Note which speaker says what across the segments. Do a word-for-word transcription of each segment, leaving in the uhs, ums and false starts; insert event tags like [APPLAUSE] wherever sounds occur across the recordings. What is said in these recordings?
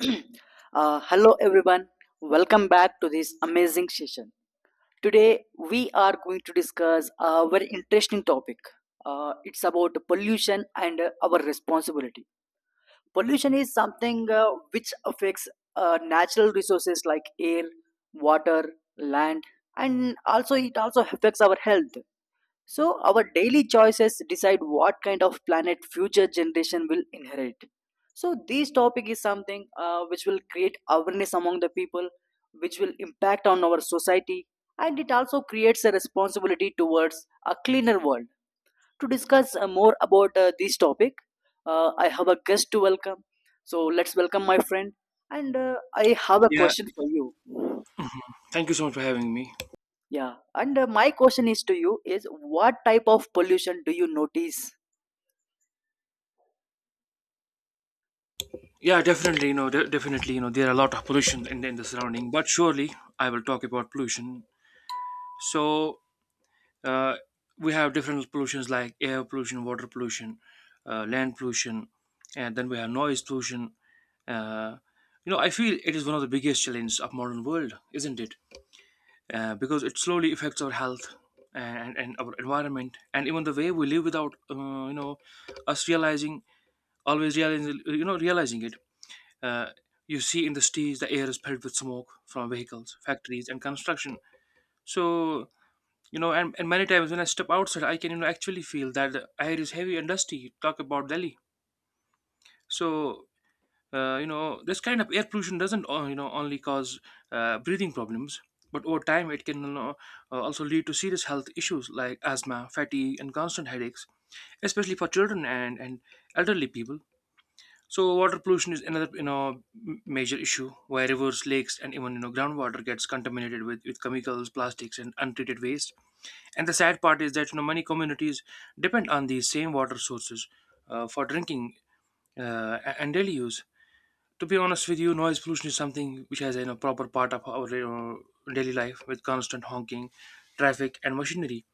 Speaker 1: [CLEARS THROAT] Uh, hello everyone. Welcome back to this amazing session. Today we are going to discuss a very interesting topic. Uh, it's about pollution and uh, our responsibility. Pollution is something uh, which affects uh, natural resources like air, water, land, and also it also affects our health. So, our daily choices decide what kind of planet future generation will inherit. So, this topic is something uh, which will create awareness among the people, which will impact on our society, and it also creates a responsibility towards a cleaner world. To discuss uh, more about uh, this topic, uh, I have a guest to welcome. So, let's welcome my friend. And uh, I have a
Speaker 2: Yeah,
Speaker 1: question for you.
Speaker 2: thank you so much for having me.
Speaker 1: Yeah, and uh, my question is to you is what type of pollution do you notice.
Speaker 2: Yeah, definitely, you know, de- definitely, you know, there are a lot of pollution in, in the surrounding, but surely I will talk about pollution. So, uh, we have different pollutions like air pollution, water pollution, uh, land pollution, and then we have noise pollution. Uh, you know, I feel it is one of the biggest challenges of modern world, isn't it? Uh, because it slowly affects our health and, and our environment and even the way we live without, uh, you know, us realizing, always realizing, you know, realizing it. Uh, you see in the cities, the air is filled with smoke from vehicles, factories, and construction. So, you know, and, and many times when I step outside, I can, you know, actually feel that the air is heavy and dusty. Talk about Delhi. So, uh, you know, this kind of air pollution doesn't, uh, you know, only cause uh, breathing problems, but over time it can, you know, uh, also lead to serious health issues like asthma, fatigue, and constant headaches, especially for children and, and elderly people. So water pollution is another, you know, m- major issue where rivers, lakes, and even, you know, groundwater gets contaminated with, with chemicals, plastics, and untreated waste. And the sad part is that, you know, many communities depend on these same water sources uh, for drinking uh, a- and daily use. To be honest with you, noise pollution is something which has a, you know, proper part of our, you know, daily life with constant honking, traffic, and machinery,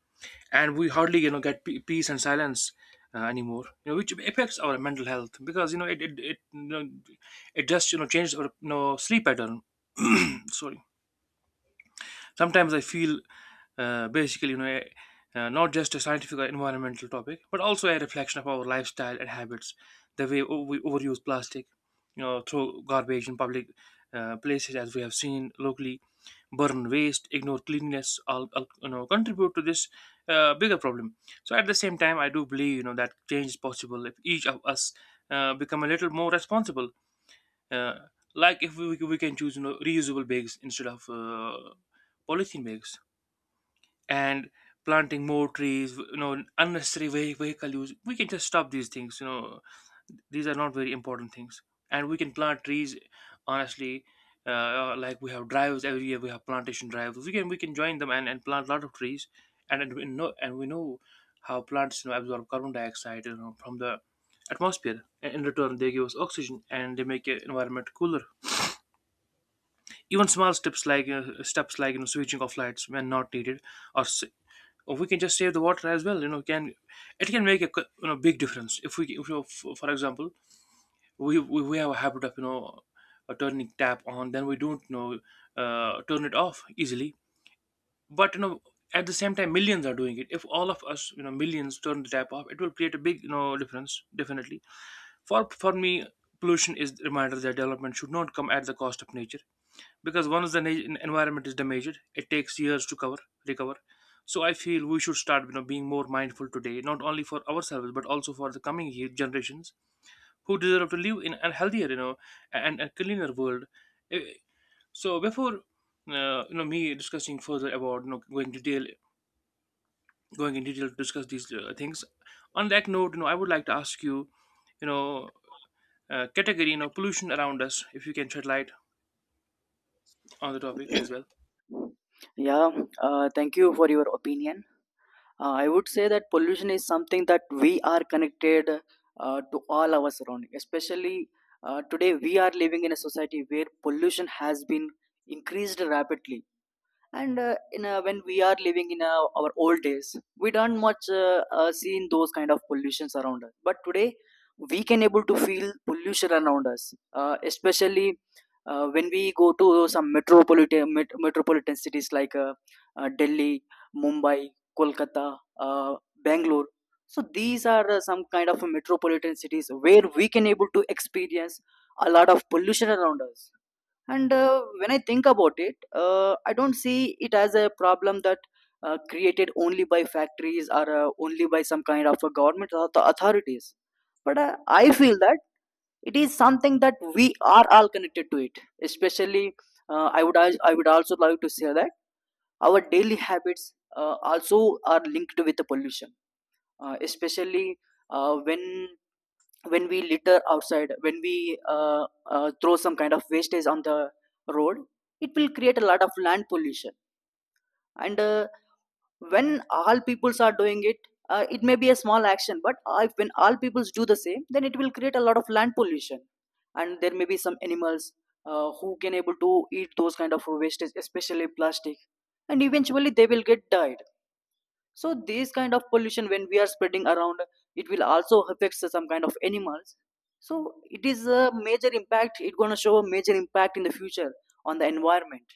Speaker 2: and we hardly, you know, get pe- peace and silence uh, anymore, you know, which affects our mental health because, you know, it it, it you know, it just, you know, changes our, you know, sleep pattern. [CLEARS THROAT] Sorry. Sometimes I feel, uh, basically, you know, eh, uh, not just a scientific or environmental topic, but also a reflection of our lifestyle and habits, the way o- we overuse plastic, you know, throw garbage in public uh, places, as we have seen locally, burn waste, ignore cleanliness, all, all you know, contribute to this uh, bigger problem. So at the same time, I do believe, you know, that change is possible if each of us uh, become a little more responsible. Uh, like if we, we can choose, you know, reusable bags instead of, uh, polythene bags, and planting more trees, you know, unnecessary ve- vehicle use, we can just stop these things, you know, these are not very important things, and we can plant trees, honestly. Uh, like we have drives every year, we have plantation drives, we can, we can join them and, and plant a lot of trees, and, and we know and we know how plants, you know, absorb carbon dioxide, you know, from the atmosphere, and in return they give us oxygen and they make the environment cooler. Even small steps like uh, steps like you know, switching off lights when not needed, or s- or we can just save the water as well, you know, can it can make a c- you know, big difference. If we, if, you know, for example, we, we we have a habit of, you know, uh, turning tap on, then we don't, you know, uh, turn it off easily. But, you know, at the same time, millions are doing it. If all of us, you know, millions turn the tap off, it will create a big, you know, difference, definitely. For for me, pollution is the reminder that development should not come at the cost of nature, because once the na- environment is damaged, it takes years to cover recover. So I feel we should start, you know, being more mindful today, not only for ourselves but also for the coming ye- generations, who deserve to live in a healthier, you know, and a cleaner world. Eh, so before uh, you know, me discussing further about, you know, going to detail going in detail to discuss these uh, things, on that note, you know, I would like to ask you, you know, uh, category, you know, pollution around us, if you can shed light on the topic as well.
Speaker 1: Yeah, uh, thank you for your opinion. Uh, I would say that pollution is something that we are connected uh, to all our surrounding. Especially uh, today, we are living in a society where pollution has been increased rapidly, and uh, in uh, when we are living in uh, our old days we don't much uh, uh, seen those kind of pollutions around us, but today we can able to feel pollution around us, uh, especially uh, when we go to some metropolitan met- metropolitan cities like uh, uh, Delhi, Mumbai, Kolkata, uh, Bangalore. So these are uh, some kind of metropolitan cities where we can able to experience a lot of pollution around us. And uh, when I think about it, uh, I don't see it as a problem that uh, created only by factories or uh, only by some kind of a government or the authorities. But uh, I feel that it is something that we are all connected to it. Especially, uh, I would als- I would also like to say that our daily habits uh, also are linked with the pollution. Uh, especially uh, when when we litter outside, when we uh, uh, throw some kind of wastage on the road, it will create a lot of land pollution. And uh, when all peoples are doing it, uh, it may be a small action, but uh, if when all peoples do the same, then it will create a lot of land pollution. And there may be some animals uh, who can able to eat those kind of wastage, especially plastic, and eventually they will get died. So this kind of pollution, when we are spreading around, it will also affect some kind of animals. So it is a major impact. It's gonna show a major impact in the future on the environment.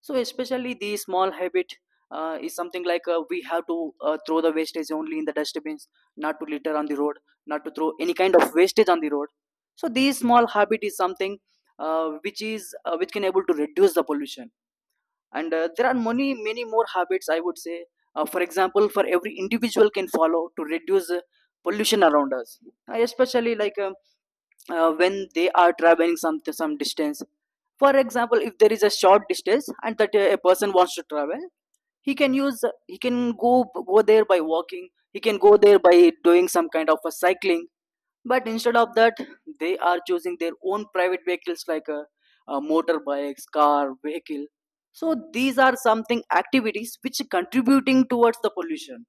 Speaker 1: So especially the small habit uh, is something like uh, we have to uh, throw the wastage only in the dustbins, not to litter on the road, not to throw any kind of wastage on the road. So this small habit is something uh, which is uh, which can able to reduce the pollution. And uh, there are many many more habits I would say uh, for example for every individual can follow to reduce uh, pollution around us. Uh, especially like um, uh, when they are traveling some some distance, for example if there is a short distance and that uh, a person wants to travel, he can use he can go go there by walking, he can go there by doing some kind of a cycling. But instead of that, they are choosing their own private vehicles like a, a motorbikes, car, vehicle. So these are something activities which contributing towards the pollution.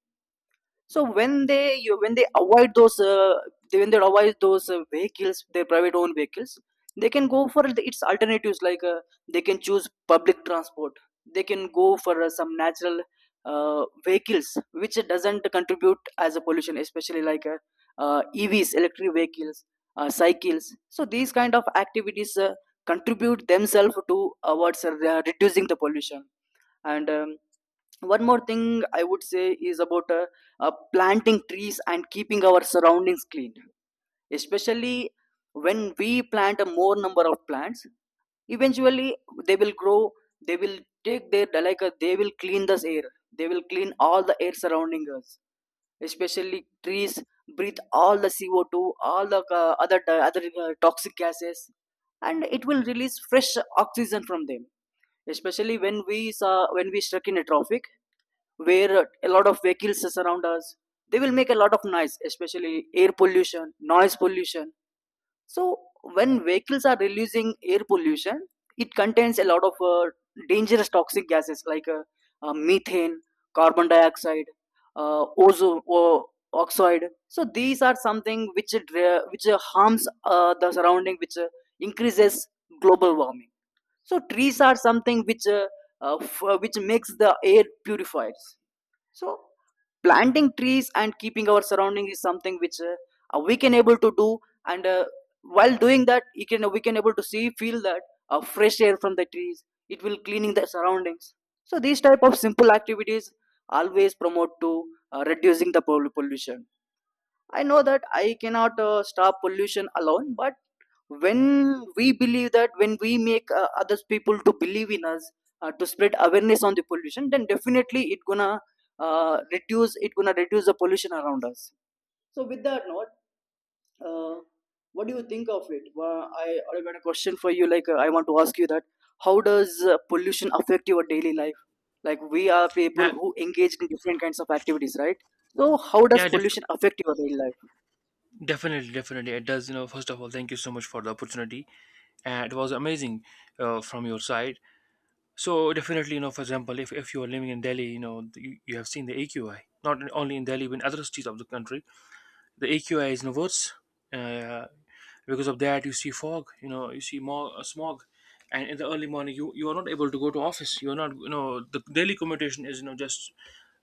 Speaker 1: So when they you when they avoid those, uh, they- when they avoid those uh, vehicles, their private owned vehicles, they can go for the its alternatives, like uh, they can choose public transport. They can go for uh, some natural uh, vehicles which doesn't contribute as a pollution, especially like uh, uh, E Vs, electric vehicles, uh, cycles. So these kind of activities uh, contribute themselves to uh, what's uh, reducing the pollution. And um, one more thing I would say is about uh, uh, planting trees and keeping our surroundings clean, especially when we plant a more number of plants. Eventually they will grow, they will take their, like uh, they will clean this air, they will clean all the air surrounding us. Especially trees breathe all the C O two, all the uh, other uh, other uh, toxic gases, and it will release fresh oxygen from them. Especially when we saw when we stuck in a traffic, where a lot of vehicles surround us, they will make a lot of noise, especially air pollution, noise pollution. So when vehicles are releasing air pollution, it contains a lot of uh, dangerous toxic gases like uh, uh, methane, carbon dioxide, uh, ozone o- oxide. So these are something which it, uh, which uh, harms uh, the surrounding, which uh, increases global warming. So trees are something which uh, uh, f- uh, which makes the air purifies. So planting trees and keeping our surrounding is something which uh, uh, we can able to do. And uh, while doing that, you can we can able to see feel that uh, fresh air from the trees, it will cleaning the surroundings. So these type of simple activities always promote to uh, reducing the pol- pollution. I know that I cannot uh, stop pollution alone, but when we believe that, when we make uh, others people to believe in us, uh, to spread awareness on the pollution, then definitely it gonna uh, reduce. It gonna reduce the pollution around us. So with that note, uh, what do you think of it? Well, I already got a question for you. Like uh, I want to ask you that how does uh, pollution affect your daily life? Like we are people
Speaker 2: yeah
Speaker 1: who engage in different kinds of activities, right? So how does
Speaker 2: yeah def-
Speaker 1: pollution affect your daily life?
Speaker 2: Definitely, definitely. It does, you know. First of all, thank you so much for the opportunity. And it was amazing, uh, from your side. So, definitely, you know, for example, if, if you are living in Delhi, you know, you, you have seen the A Q I, not only in Delhi, but in other cities of the country. The A Q I is inverse. Uh, because of that, you see fog. You know, you see more, uh, smog, and in the early morning, you you are not able to go to office. You are not. You know, the daily commutation is, you know, just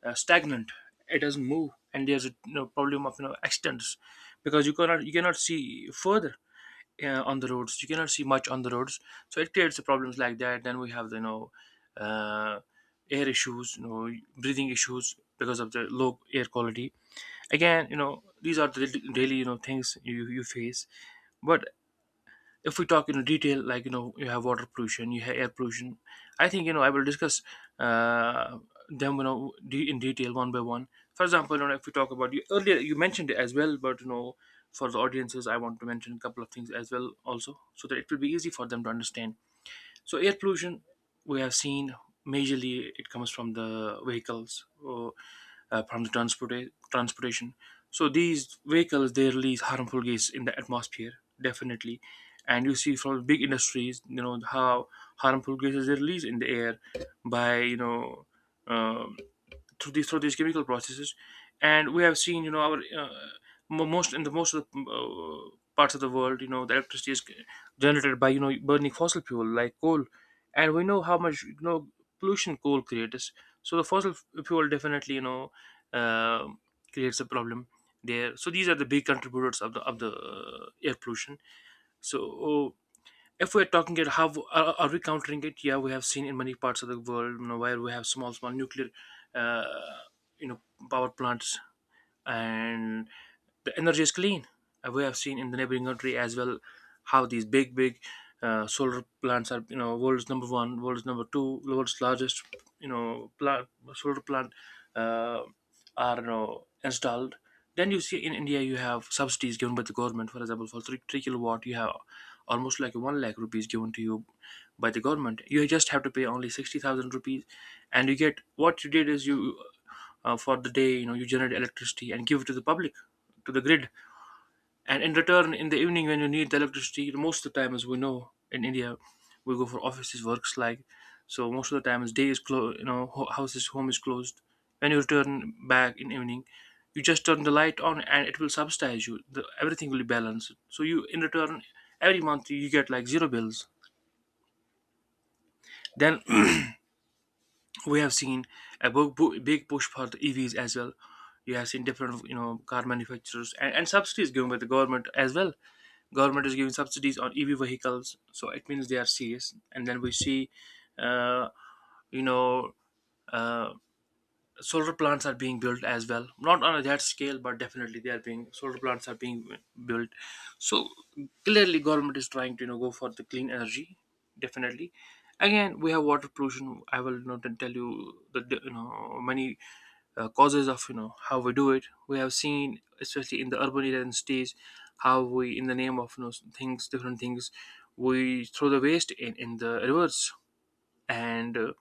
Speaker 2: uh, stagnant. It doesn't move, and there's a, you know, problem of, you know, accidents, because you cannot you cannot see further uh, on the roads. You cannot see much on the roads, so it creates the problems like that. Then we have the, you know, uh, air issues, you know, breathing issues because of the low air quality. Again, you know, these are the daily, you know, things you, you face. But if we talk in detail, like, you know, you have water pollution, you have air pollution, I think, you know, I will discuss uh, them, you know, de- in detail one by one. For example, you know, if we talk about, you earlier you mentioned it as well, but, you know, for the audiences, I want to mention a couple of things as well also, so that it will be easy for them to understand. So air pollution, we have seen, majorly it comes from the vehicles, or uh, from the transporta- transportation. So these vehicles, they release harmful gas in the atmosphere, definitely, and you see from big industries, you know, how harmful gases they release in the air by, you know. Um, Through these through these chemical processes, and we have seen, you know, our uh, mo- most in the most of the uh, parts of the world, you know, the electricity is generated by, you know, burning fossil fuel like coal, and we know how much, you know, pollution coal creates. So the fossil f- fuel, definitely, you know, uh, creates a problem there. So these are the big contributors of the of the uh, air pollution. So if we're talking it, how are, are we countering it? Yeah, we have seen in many parts of the world, you know, where we have small small nuclear, uh, you know, power plants, and the energy is clean. Uh, we have seen in the neighboring country as well, how these big big uh, solar plants are, you know, world's number one, world's number two, world's largest, you know, plant, solar plant uh, are, you know, installed. Then you see in India, you have subsidies given by the government. For example, for three, three kilowatt, you have almost like one lakh rupees given to you by the government. You just have to pay only sixty thousand rupees, and you get, what you did is you, uh, for the day, you know, you generate electricity and give it to the public, to the grid, and in return, in the evening when you need the electricity, most of the time, as we know, in India, we go for offices, works like. So most of the time, is day is closed, you know, ho- house is home is closed. When you return back in evening, you just turn the light on, and it will subsidize you. The, everything will be balanced. So you, in return, every month you get like zero bills. Then we have seen a big bu- big push for the EVs as well. You have seen different, you know, car manufacturers, and, and subsidies given by the government as well. Government is giving subsidies on EV vehicles, so it means they are serious. And then we see uh, you know, uh, solar plants are being built as well, not on that scale, but definitely they are being solar plants are being built. So clearly government is trying to, you know, go for the clean energy. Definitely. Again, we have water pollution. I will not tell you the the, you know, many uh, causes of, you know, how we do it. We have seen, especially in the urban areas and cities, how we, in the name of, you know, things, different things, we throw the waste in in the rivers. And uh,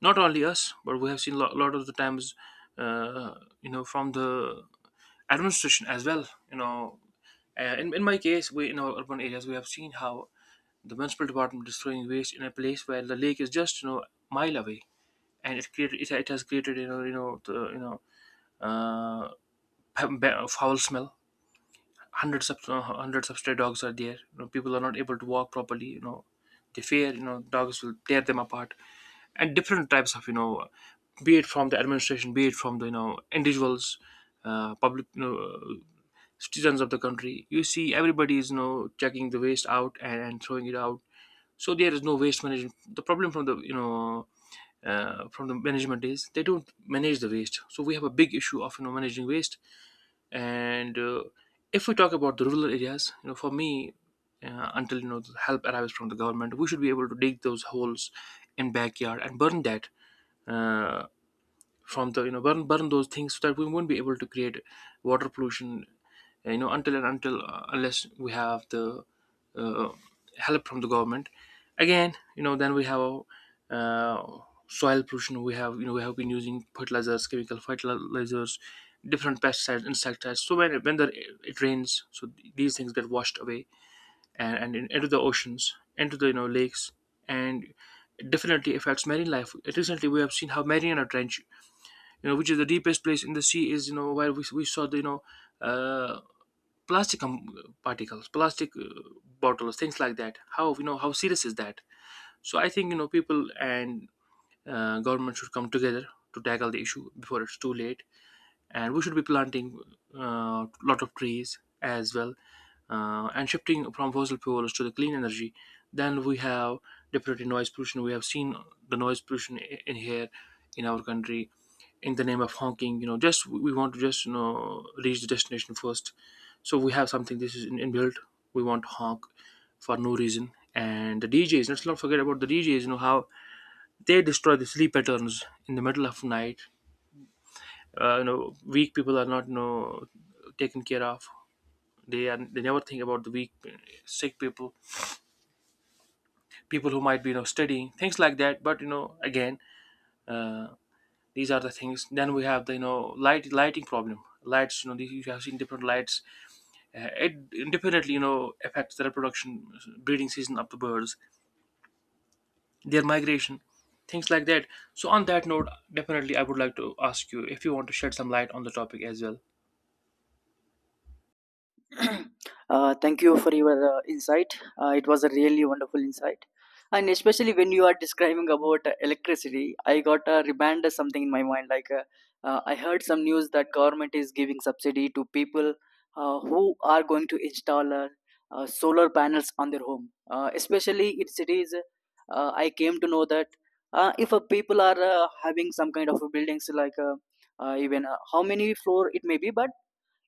Speaker 2: not only us, but we have seen a lot, lot of the times, uh, you know, from the administration as well, you know, uh, in, in my case, we... in our urban areas we have seen how the municipal department is throwing waste in a place where the lake is just, you know, mile away. And it created it, it has created, you know, you know the, you know, uh, [LAUGHS] p- b- foul smell. Hundreds of uh, hundreds of stray dogs are there. You know, people are not able to walk properly, you know, they fear, you know, dogs will tear them apart. And different types of, you know, be it from the administration, be it from the, you know, individuals, uh, public, you know, uh, citizens of the country. You see, everybody is, you know, checking the waste out, and, and throwing it out. So there is no waste management. The problem from the, you know, uh, from the management is, they don't manage the waste. So we have a big issue of, you know, managing waste. And uh, if we talk about the rural areas, you know, for me, uh, until, you know, the help arrives from the government, we should be able to dig those holes in backyard and burn that. uh, from the, you know, burn burn those things, so that we won't be able to create water pollution, uh, you know, until and until, uh, unless we have the uh, help from the government. Again, you know, then we have uh, soil pollution. We have, you know, we have been using fertilizers, chemical fertilizers, different pesticides, insecticides. So when when the, it rains, so these things get washed away, and, and in, into the oceans, into the, you know, lakes, and definitely affects marine life. Recently, we have seen how Mariana Trench, you know, which is the deepest place in the sea, is, you know, where we, we saw the, you know, uh, plastic um, particles, plastic uh, bottles, things like that. How, you know, how serious is that? So I think, you know, people and uh, government should come together to tackle the issue before it's too late. And we should be planting a uh, lot of trees as well, uh, and shifting from fossil fuels to the clean energy. Then we have, definitely, noise pollution. We have seen the noise pollution i- in here, in our country, in the name of honking, you know, just we want to just, you know, reach the destination first. So we have something, this is in- inbuilt. We want to honk for no reason. And the DJs, let's not forget about the DJs, you know, how they destroy the sleep patterns in the middle of night. Uh, you know, weak people are not, you know, taken care of. They are they never think about the weak, sick people, people who might be, you know, studying, things like that. But, you know, again, these are the things. Then we have the, you know, light lighting problem. Lights, you know, these, you have seen different lights. Uh, it indefinitely, you know, affects the reproduction, breeding season of the birds, their migration, things like that. So on that note, definitely I would like to ask you if you want to shed some light on the topic as well.
Speaker 1: Uh, thank you for your uh, insight. Uh, it was a really wonderful insight, and especially when you are describing about uh, electricity, I got a reminder something in my mind. Like uh, uh, I heard some news that government is giving subsidy to people uh, who are going to install uh, uh, solar panels on their home, uh, especially in cities. Uh, I came to know that uh, if uh, people are uh, having some kind of buildings like uh, uh, even uh, how many floor it may be, but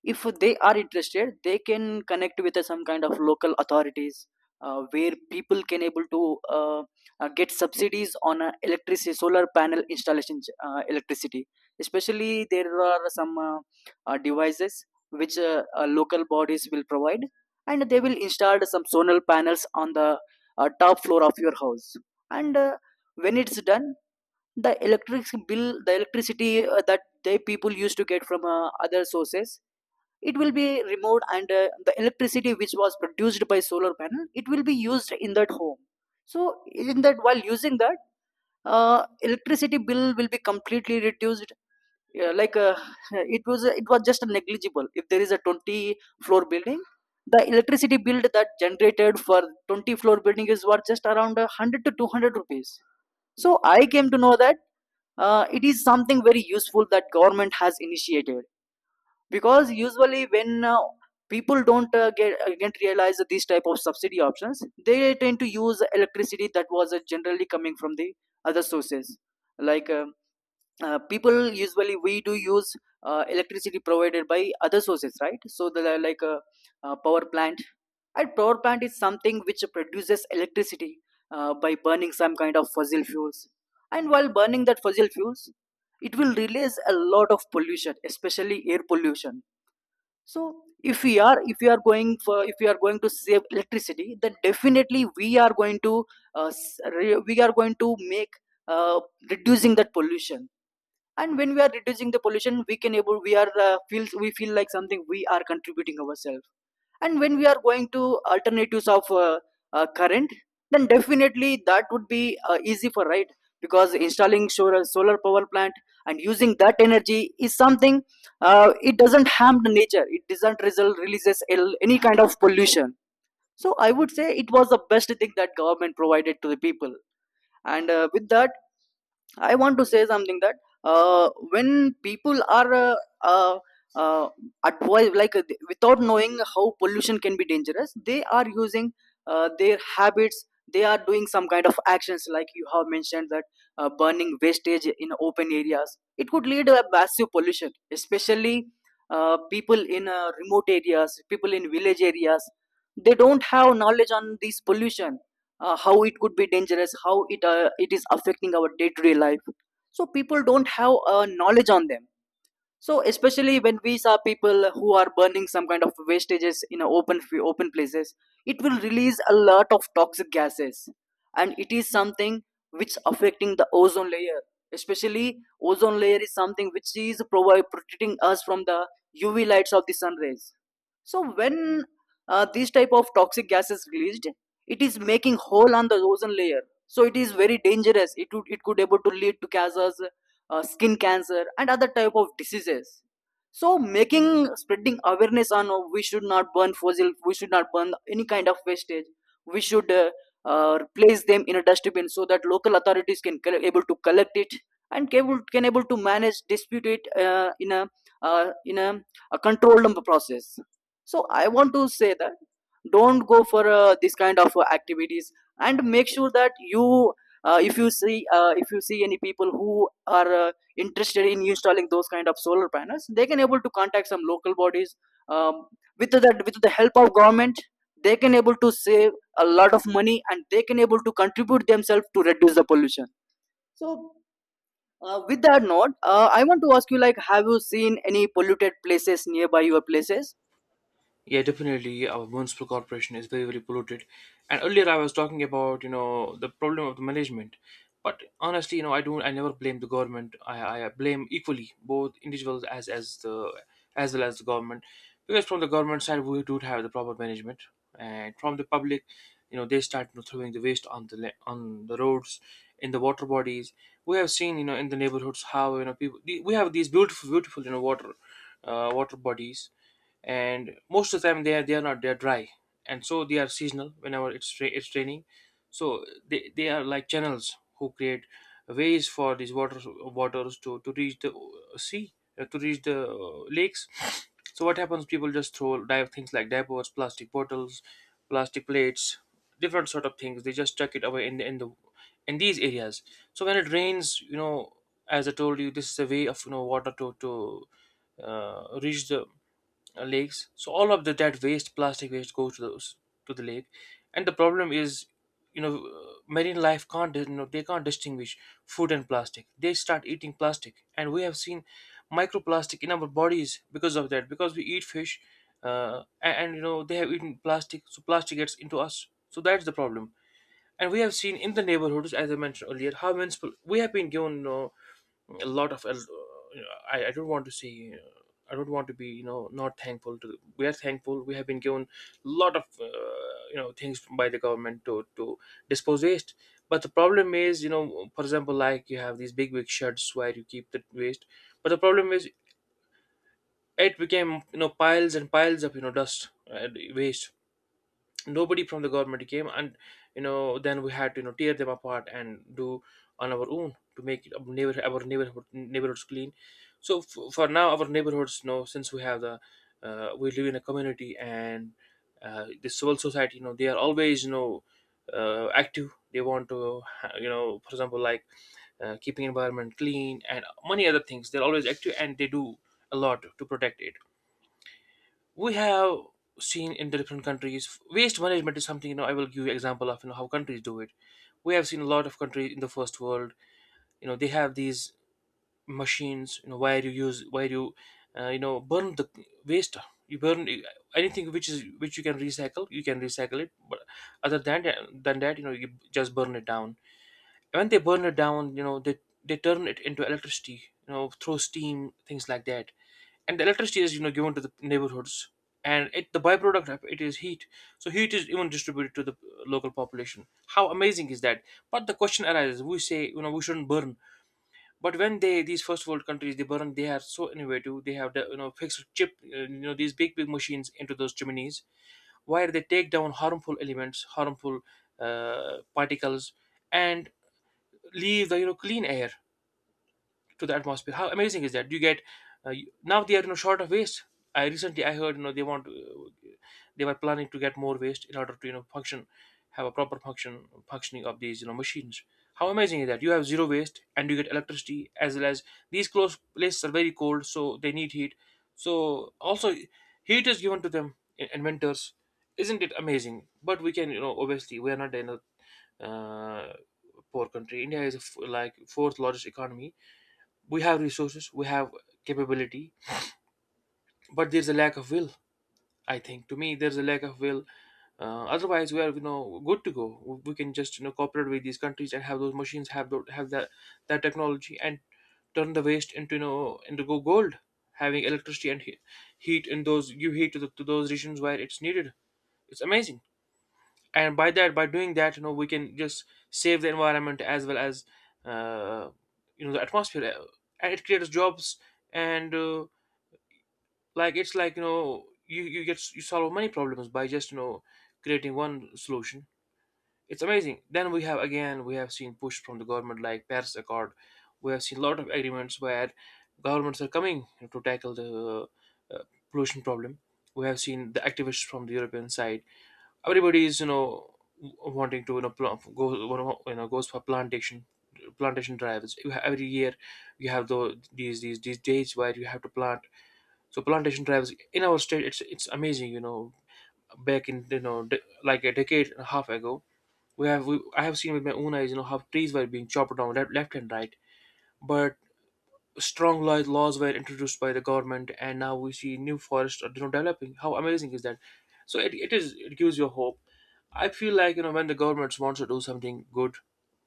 Speaker 1: if they are interested they can connect with uh, some kind of local authorities uh, where people can able to uh, uh, get subsidies on uh, electricity solar panel installation, uh, electricity. Especially there are some uh, uh, devices which uh, uh, local bodies will provide, and they will install some solar panels on the uh, top floor of your house. And uh, when it's done, the electric bill, the electricity uh, that they people used to get from uh, other sources, it will be removed, and uh, the electricity which was produced by solar panel, it will be used in that home. So in that while using that, uh, electricity bill will be completely reduced. Yeah, like uh, [LAUGHS] it was it was just negligible. If there is a twenty floor building, the electricity bill that generated for twenty floor building is worth just around uh, one hundred to two hundred rupees. So I came to know that uh, it is something very useful that government has initiated. Because usually when uh, people don't uh, get uh, realize these type of subsidy options, they tend to use electricity that was uh, generally coming from the other sources, like uh, uh, people usually we do use uh, electricity provided by other sources, right? So the uh, like a, uh power plant. And power plant is something which produces electricity uh, by burning some kind of fossil fuels. And while burning that fossil fuels, it will release a lot of pollution, especially air pollution. So if we are if we are going for if we are going to save electricity, then definitely we are going to uh, s- re- we are going to make uh, reducing that pollution. And when we are reducing the pollution, we can able, we are uh, feels we feel like something we are contributing ourselves. And when we are going to alternatives of uh, uh, current, then definitely that would be uh, easy for, right? Because installing solar, solar power plant and using that energy is something uh, it doesn't harm the nature, it doesn't result releases any kind of pollution. So I would say it was the best thing that government provided to the people. And uh, with that, I want to say something, that uh, when people are uh, uh, uh, advised, like uh, th- without knowing how pollution can be dangerous, they are using uh, their habits. They are doing some kind of actions, like you have mentioned that uh, burning wastage in open areas. It could lead to a massive pollution, especially uh, people in uh, remote areas, people in village areas. They don't have knowledge on this pollution, uh, how it could be dangerous, how it uh, it is affecting our day to day life. So people don't have uh, knowledge on them. So especially when we saw people who are burning some kind of wastages in a open f- open places, it will release a lot of toxic gases, and it is something which affecting the ozone layer. Especially ozone layer is something which is provi- protecting us from the U V lights of the sun rays. So when uh, these type of toxic gases released, it is making hole on the ozone layer. So it is very dangerous. It would, it could able to lead to gases, uh, skin cancer and other type of diseases. So making spreading awareness on, uh, we should not burn fossil, we should not burn any kind of wastage. We should uh, uh, place them in a dustbin so that local authorities can coll- able to collect it and can able, can able to manage dispute it uh, in a, uh, in a, a controlled process. So I want to say that don't go for uh, this kind of uh, activities, and make sure that you, uh, if you see uh, if you see any people who are uh, interested in installing those kind of solar panels, they can able to contact some local bodies. um, with the with the help of government, they can able to save a lot of money, and they can able to contribute themselves to reduce the pollution. So uh, with that note, uh, I want to ask you, like, have you seen any polluted places nearby your places?
Speaker 2: Yeah, definitely. Our municipal corporation is very, very polluted. And earlier I was talking about, you know, the problem of the management. But honestly, you know, I don't, I never blame the government. I, I blame equally both individuals as as the as well as the government, because from the government side we do have the proper management, and from the public, you know, they start, you know, throwing the waste on the la- on the roads, in the water bodies. We have seen, you know, in the neighborhoods how, you know, people... we have these beautiful, beautiful, you know, water, uh, water bodies. And most of the time they are they are not they are dry. And so they are seasonal. Whenever it's ra- it's raining, so they, they are like channels who create ways for these waters waters to to reach the uh, sea, uh, to reach the uh, lakes. So what happens, people just throw dive things like diapers, plastic bottles, plastic plates, different sort of things. They just chuck it away in the, in the in these areas. So when it rains, you know, as I told you, this is a way of, you know, water to to uh, reach the uh, lakes. So all of the, that waste, plastic waste, goes to those to the lake, and the problem is, you know, uh, marine life can't, you know, they can't distinguish food and plastic. They start eating plastic, and we have seen microplastic in our bodies because of that. Because we eat fish, uh, and, and you know, they have eaten plastic, so plastic gets into us. So that's the problem. And we have seen in the neighborhoods, as I mentioned earlier, how municipal... we have been given, you know, a lot of uh, I, I don't want to see uh, I don't want to be, you know, not thankful. To We are thankful. We have been given a lot of, uh, you know, things by the government to to dispose waste. But the problem is, you know, for example, like you have these big, big sheds where you keep the waste. But the problem is, it became, you know, piles and piles of, you know, dust and waste. Nobody from the government came, and, you know, then we had to, you know, tear them apart and do on our own to make it our neighborhood, our neighborhood neighborhoods clean. So f- for now, our neighborhoods, you know, since we have the uh, we live in a community, and uh, the civil society, you know, they are always, you know, uh, active. They want to [LAUGHS] ha- you know, for example, like uh, keeping environment clean and many other things. They're always active and they do a lot to protect it. We have seen in the different countries waste management is something, you know. I will give you example of, you know, how countries do it. We have seen a lot of countries in the first world, you know, they have these machines, you know, where you use where you uh, you know, burn the waste. You burn anything which is, which you can recycle, you can recycle it. But other than than that, you know, you just burn it down. When they burn it down, you know, they they turn it into electricity, you know, through steam, things like that. And the electricity is, you know, given to the neighborhoods. And it the byproduct of it is heat. So heat is even distributed to the uh, local population. How amazing is that? But the question arises, we say, you know, we shouldn't burn. But when they these first world countries, they burn, they are so innovative. They have the, you know, fixed chip, uh, you know, these big, big machines into those chimneys, where they take down harmful elements, harmful uh, particles, and leave the, you know, clean air to the atmosphere. How amazing is that? You get uh, you- now they are, you know, short of waste. I recently I heard, you know, they want, uh, they were planning to get more waste in order to, you know, function have a proper function functioning of these, you know, machines. How amazing is that? You have zero waste and you get electricity, as well as, these closed places are very cold, so they need heat. So also heat is given to them in, in winters. Isn't it amazing? But we can, you know, obviously we are not in a uh, poor country. India is a f- like fourth largest economy. We have resources, we have capability, but there's a lack of will. I think, to me, there's a lack of will. Uh, otherwise we are, you know, good to go. We can just, you know, cooperate with these countries and have those machines, have those, have that that technology, and turn the waste into, you know, into go gold, having electricity and he- heat in those. Give heat to, the, to those regions where it's needed. It's amazing. And by that by doing that, you know, we can just save the environment, as well as uh, you know, the atmosphere. Uh, and it creates jobs. And uh, like it's like, you know, you you get you solve many problems by just, you know, creating one solution. It's amazing. Then we have, again, we have seen push from the government, like Paris Accord. We have seen a lot of agreements where governments are coming to tackle the uh, pollution problem. We have seen the activists from the European side. Everybody is, you know, w- wanting to, you know, pl- go, you know, goes for plantation, plantation drives. You ha- every year you have the, these, these these days where you have to plant. So plantation drives in our state, it's it's amazing. You know, back in you know de- like a decade and a half ago, we have we, I have seen with my own eyes, you know, how trees were being chopped down left, left and right. But strong laws laws were introduced by the government, and now we see new forests are you know developing. How amazing is that? So it, it is it gives you hope. I feel like you know when the governments wants to do something good,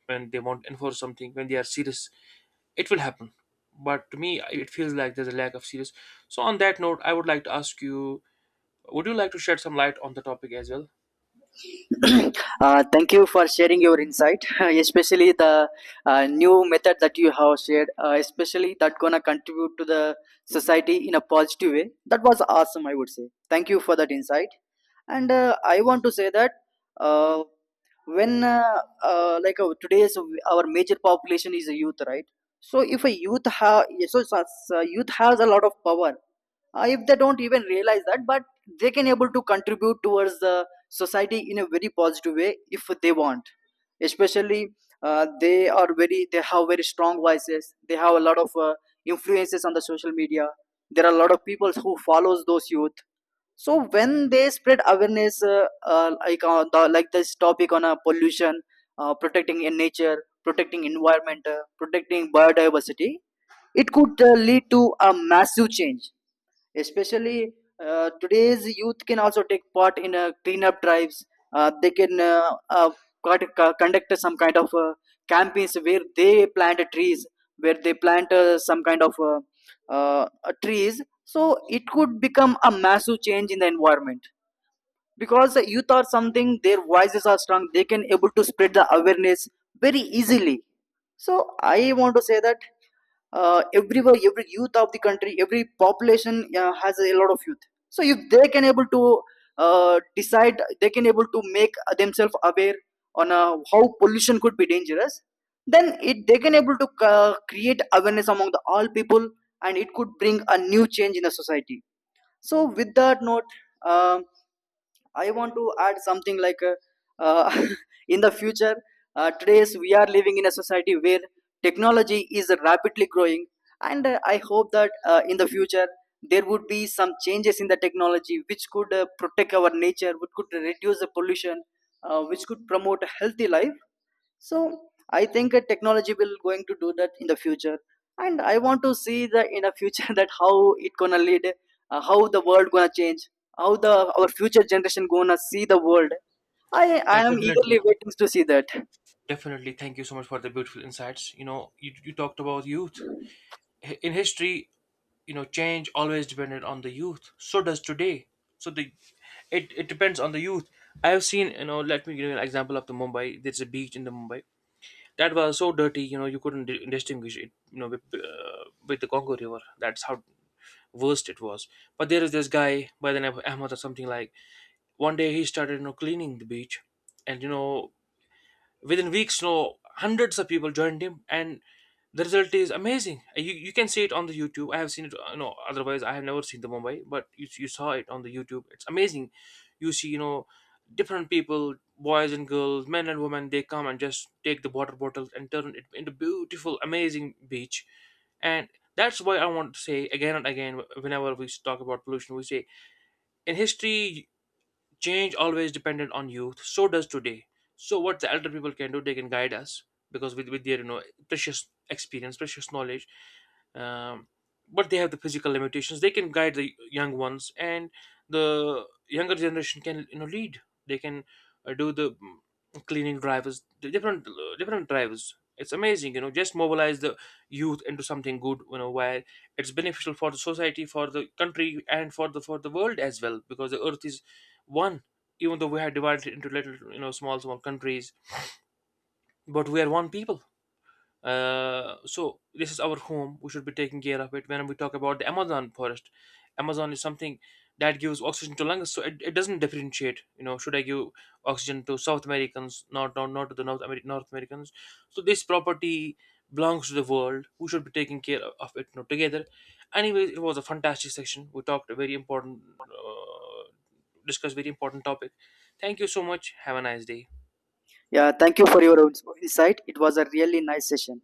Speaker 2: when they want to enforce something, when they are serious, it will happen. But to me, I- it feels like there's a lack of serious. So on that note, I would like to ask you, would you like to shed some light on the topic as well?
Speaker 1: [CLEARS THROAT] Uh, thank you for sharing your insight, [LAUGHS] especially the uh, new method that you have shared, uh, especially that gonna contribute to the society in a positive way. That was awesome, I would say. Thank you for that insight. And uh, I want to say that uh, when uh, uh, like uh, today's our major population is a youth, right? So if a youth have so, so so youth has a lot of power. Uh, if they don't even realize that, but they can able to contribute towards the society in a very positive way if they want. Especially uh, they are very, they have very strong voices, they have a lot of uh, influences on the social media. There are a lot of people who follows those youth. So when they spread awareness uh, uh, like uh, the, like this topic on uh, pollution, uh, protecting in nature, protecting environment, uh, protecting biodiversity, it could uh, lead to a massive change. Especially uh, today's youth can also take part in uh, cleanup drives. Uh, they can uh, uh, cut- co- conduct some kind of uh, campaigns where they plant trees, where they plant uh, some kind of uh, uh, uh, trees, so it could become a massive change in the environment. Because the youth are something, their voices are strong, they can able to spread the awareness very easily. So I want to say that uh, everywhere, every youth of the country, every population uh, has a lot of youth. So if they can able to uh, decide, they can able to make themselves aware on uh, how pollution could be dangerous, then it they can able to uh, create awareness among the all people, and it could bring a new change in the society. So with that note, um I want to add something like uh, uh, [LAUGHS] in the future, uh, today's we are living in a society where technology is rapidly growing, and uh, I hope that uh, in the future there would be some changes in the technology which could uh, protect our nature, which could reduce the pollution, uh, which could promote a healthy life. So I think uh, technology will going to do that in the future. And I want to see the in a future [LAUGHS] that how it gonna lead, uh, how the world gonna change, how the our future generation gonna see the world. I i
Speaker 2: Yeah,
Speaker 1: am
Speaker 2: definitely.
Speaker 1: eagerly waiting to see that.
Speaker 2: Definitely. Thank you so much for the beautiful insights. You know, you, you talked about youth. Hi- In history, you know, change always depended on the youth. So does today. So the it, it depends on the youth. I have seen, you know, let me give you an example of the Mumbai. There's a beach in the Mumbai that was so dirty, you know, you couldn't di- distinguish it, you know, with, uh, with the Congo River. That's how worst it was. But there is this guy by the name of Ahmad or something, like one day he started you know cleaning the beach, and you know within weeks you know hundreds of people joined him, and the result is amazing. You, you can see it on the YouTube. I have seen it, you know otherwise I have never seen the Mumbai, but you, you saw it on the YouTube. It's amazing. You see, you know different people, boys and girls, men and women, they come and just take the water bottles and turn it into beautiful amazing beach. And that's why I want to say again and again, whenever we talk about pollution, we say, in history, change always depended on youth. So does today. So what the elder people can do, they can guide us, because with, with their you know precious experience, precious knowledge. Um, but they have the physical limitations. They can guide the young ones, and the younger generation can you know lead. They can uh, do the mm, cleaning drivers, the different uh, different drivers. It's amazing. You know just mobilize the youth into something good, you know where it's beneficial for the society, for the country, and for the for the world as well. Because the earth is one. Even though we are divided into little you know small small countries, but we are one people. Uh, so this is our home. We should be taking care of it. When we talk about the Amazon forest, Amazon is something that gives oxygen to lungs, so it, it doesn't differentiate. You know, should I give oxygen to South Americans, not not, not to the North Ameri- North Americans? So this property belongs to the world. We should be taking care of of it, you know, together. Anyway, it was a fantastic section. We talked a very important, uh, discussed very important topic. Thank you so much. Have a nice day.
Speaker 1: Yeah, thank you for your insight. It was a really nice session.